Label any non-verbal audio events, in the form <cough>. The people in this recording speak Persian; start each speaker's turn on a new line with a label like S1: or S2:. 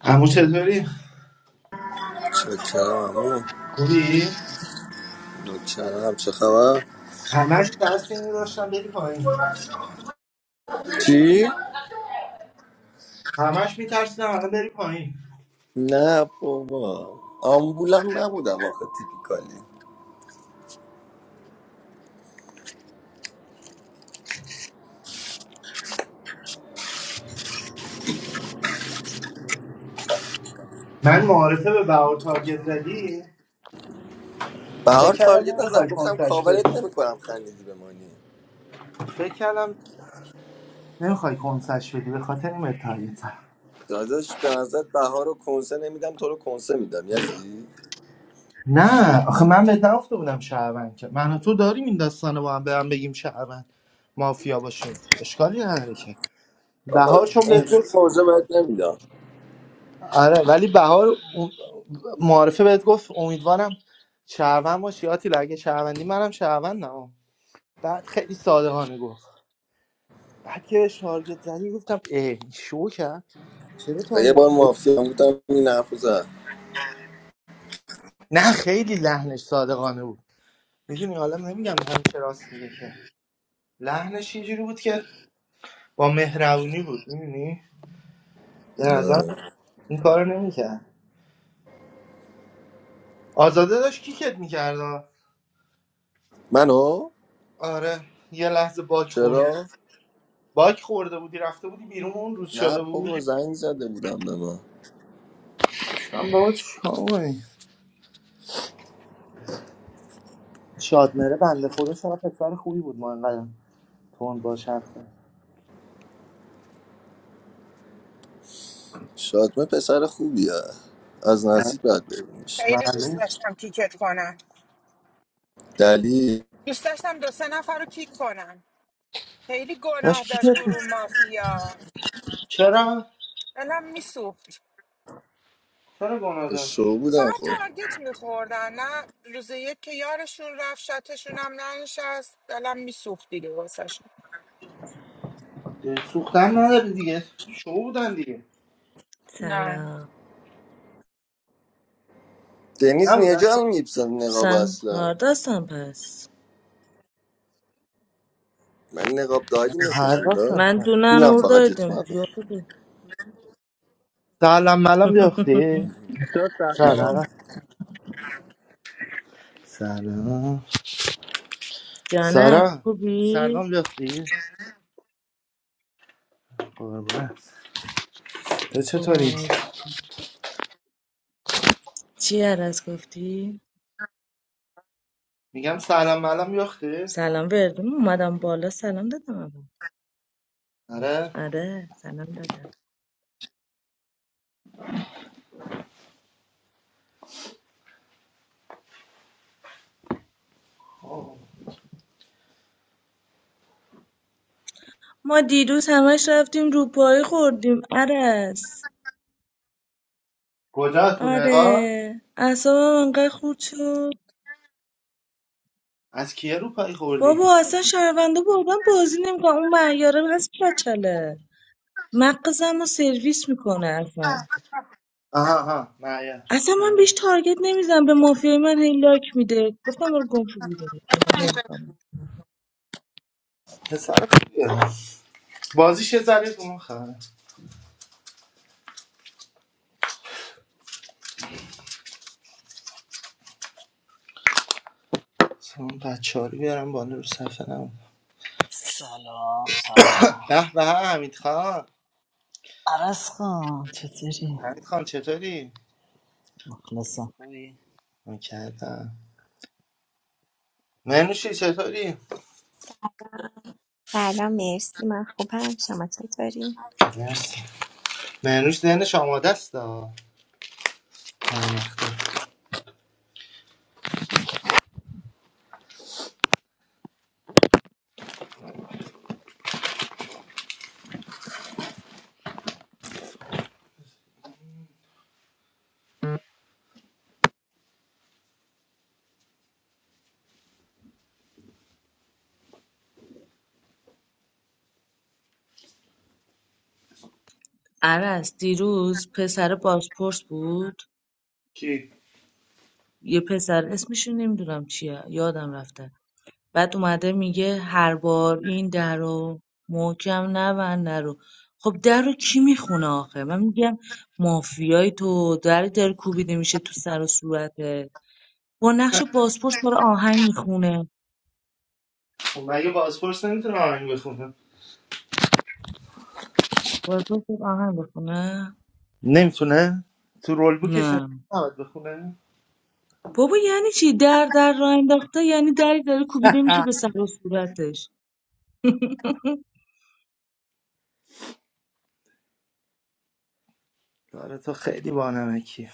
S1: عمو چطوری؟
S2: شکرم عمو
S1: خوبی؟
S2: نوکرم چه خبر
S1: همش ترس اینو داشتم بری پایین
S2: چی
S1: همش میترسیدم الان بری پایین
S2: نه بابا آمبولم نبودم آخه تیپیکالی
S1: من معارفه به بهار تارگت زدی فکر
S2: بهار
S1: کردم
S2: تارگت نزدم
S1: نمیخوای
S2: گفتم
S1: کنسش
S2: کاورت
S1: بدی
S2: نمیکنم خندیدی بمانی
S1: فکر کردم نمیخوای کنسش بدی به خاطر این بهت تارگت زدم.
S2: داداش به نظر بهار رو کنسه نمیدم تو رو کنسه میدم یزی
S1: نه آخه من بهت نگفته بودم شهروند که من و تو داریم این داستان رو با هم به هم بگیم شهروند مافیا باشیم اشکالی نداره که
S2: آخه
S1: بهار چون بهت
S2: اینجوری
S1: گفت
S2: موضوع بهت نمیدم
S1: آره ولی بهار اون- معارفه بهت گفت امیدوارم شهروند باشی آتیلا اگه شهروندی منم شهروندم بعد خیلی صادقانه گفت بعد که بهش تارگت زدی گفتم اه شو کرد چرا
S2: یه بار
S1: تارگت
S2: مافیا بودم این حرفو زد
S1: نه خیلی لحنش صادقانه بود میدونی حالا نمیگم همیشه راست میگه که لحنش اینجوری بود که با مهربونی بود میدونی به نظر
S2: آره.
S1: این کارو نمیکرد آزاده داشت کیکت میکرد
S2: منو
S1: آره یه لحظه باک خوردی
S2: چرا
S1: باک خورده بودی رفته بودی بیرون اون روز
S2: نه
S1: شده بود
S2: بابا زنگ زده بودم به ما
S1: من بابا چاقوی شادمره بنده خدا شما پسر خوبی بود ما انقدر تون باش حرف
S2: شادمه پسر خوبیه از
S1: زد.
S2: نزدیک باید ببینیش
S3: خیلی دوست
S1: معلوم
S3: داشتم کیکت کنم
S2: دلیل
S3: دوست داشتم دو سه نفر رو کیک کنم خیلی گناه
S1: داشت کی
S3: داشت
S1: شد؟
S3: گروه مافیا
S1: چرا
S3: دلم میسوخت
S1: چرا گناه
S2: شو
S1: داشت
S2: بودم
S3: فقط
S2: خب
S3: تارگت میخوردن نه روز یک که یارشون رفت شاتشون هم ننشست دلم میسوخت دیگه واسه
S1: سوختن نداری دیگه شو بودن دیگه
S3: نه
S4: Selam.
S2: دنیز
S1: نبودن شو
S2: نجال میبسن نقاب
S4: Sen
S2: اصلا
S4: hardasın pes.
S2: من نقاب دایدی
S1: هر
S2: مسیجون دا
S1: راستن
S4: Ben dünden
S2: دینم فقط
S4: oradaydım.
S2: جت
S4: Yok idi.
S1: سلام ملام
S4: <laughs>
S1: بیاختی
S5: Yo, Tano.
S1: سلام سلام
S4: Canım,
S1: سلام
S4: خوبی؟
S1: سلام بیاختی قربونه تو
S4: خوبم
S1: چطوری
S4: چی عرض گفتی؟
S1: میگم سلام ملام بیاختی
S4: سلام بردیم اومدم بالا سلام دادم اول
S1: آره
S4: آره سلام دادم
S1: آه.
S4: ما دیروز همش رفتیم روپایی خوردیم عرض
S1: کجا تو
S4: آره
S1: نقا
S4: اعصابم انقدر خورد شد
S1: از کیه رو پای خوردی
S4: بابا اصلا شهرونده بردم بازی نمیکنم اون معیاره هست بچله مغزمو سرویس میکنه اصلا
S1: آها آها معیار
S4: اصلا من بهش
S1: معیار.
S4: تارگت نمیزنم به مافیای من هی لایک میده گفتم برو گم شو بیرون من نمیخوام
S1: پسر خوبیه بازیش یه ذره تو اون خبره اون بچه ها رو بیارم بالا رو صفحه نم
S6: Salam, salam.
S1: به به حمید خان
S6: Arasqa, chetiri.
S1: حمید خان چطوری؟
S6: Maklasa.
S1: میکردم منوشی چطوری؟
S7: سلام مرسی من خوبم شما چطوری؟
S1: مرسی منوش ذهنش آماده است ها. آماده.
S4: عرس دیروز پسر بازپرس بود
S1: کی؟
S4: یه پسر اسمش رو نمیدونم چیه یادم رفته بعد اومده میگه هر بار این در رو محکم نبند در رو خب در رو کی میخونه آخه من میگم مافیای تو در در کوبیده میشه تو سر و صورتت با نقش بازپرس داره آهنگ میخونه
S1: خب مگه بازپرس نمیتونه آهنگ بخونه؟
S4: بازم خوب آهنگ بخونه
S1: نمیتونه؟ تو رول
S4: نه
S1: بوکش نمیتونه بخونه؟
S4: بابا یعنی چی در در راه انداخته یعنی دری داره کوبیده میشه
S1: آه.
S4: به سر و صورتش
S1: داره تو خیلی بانمکی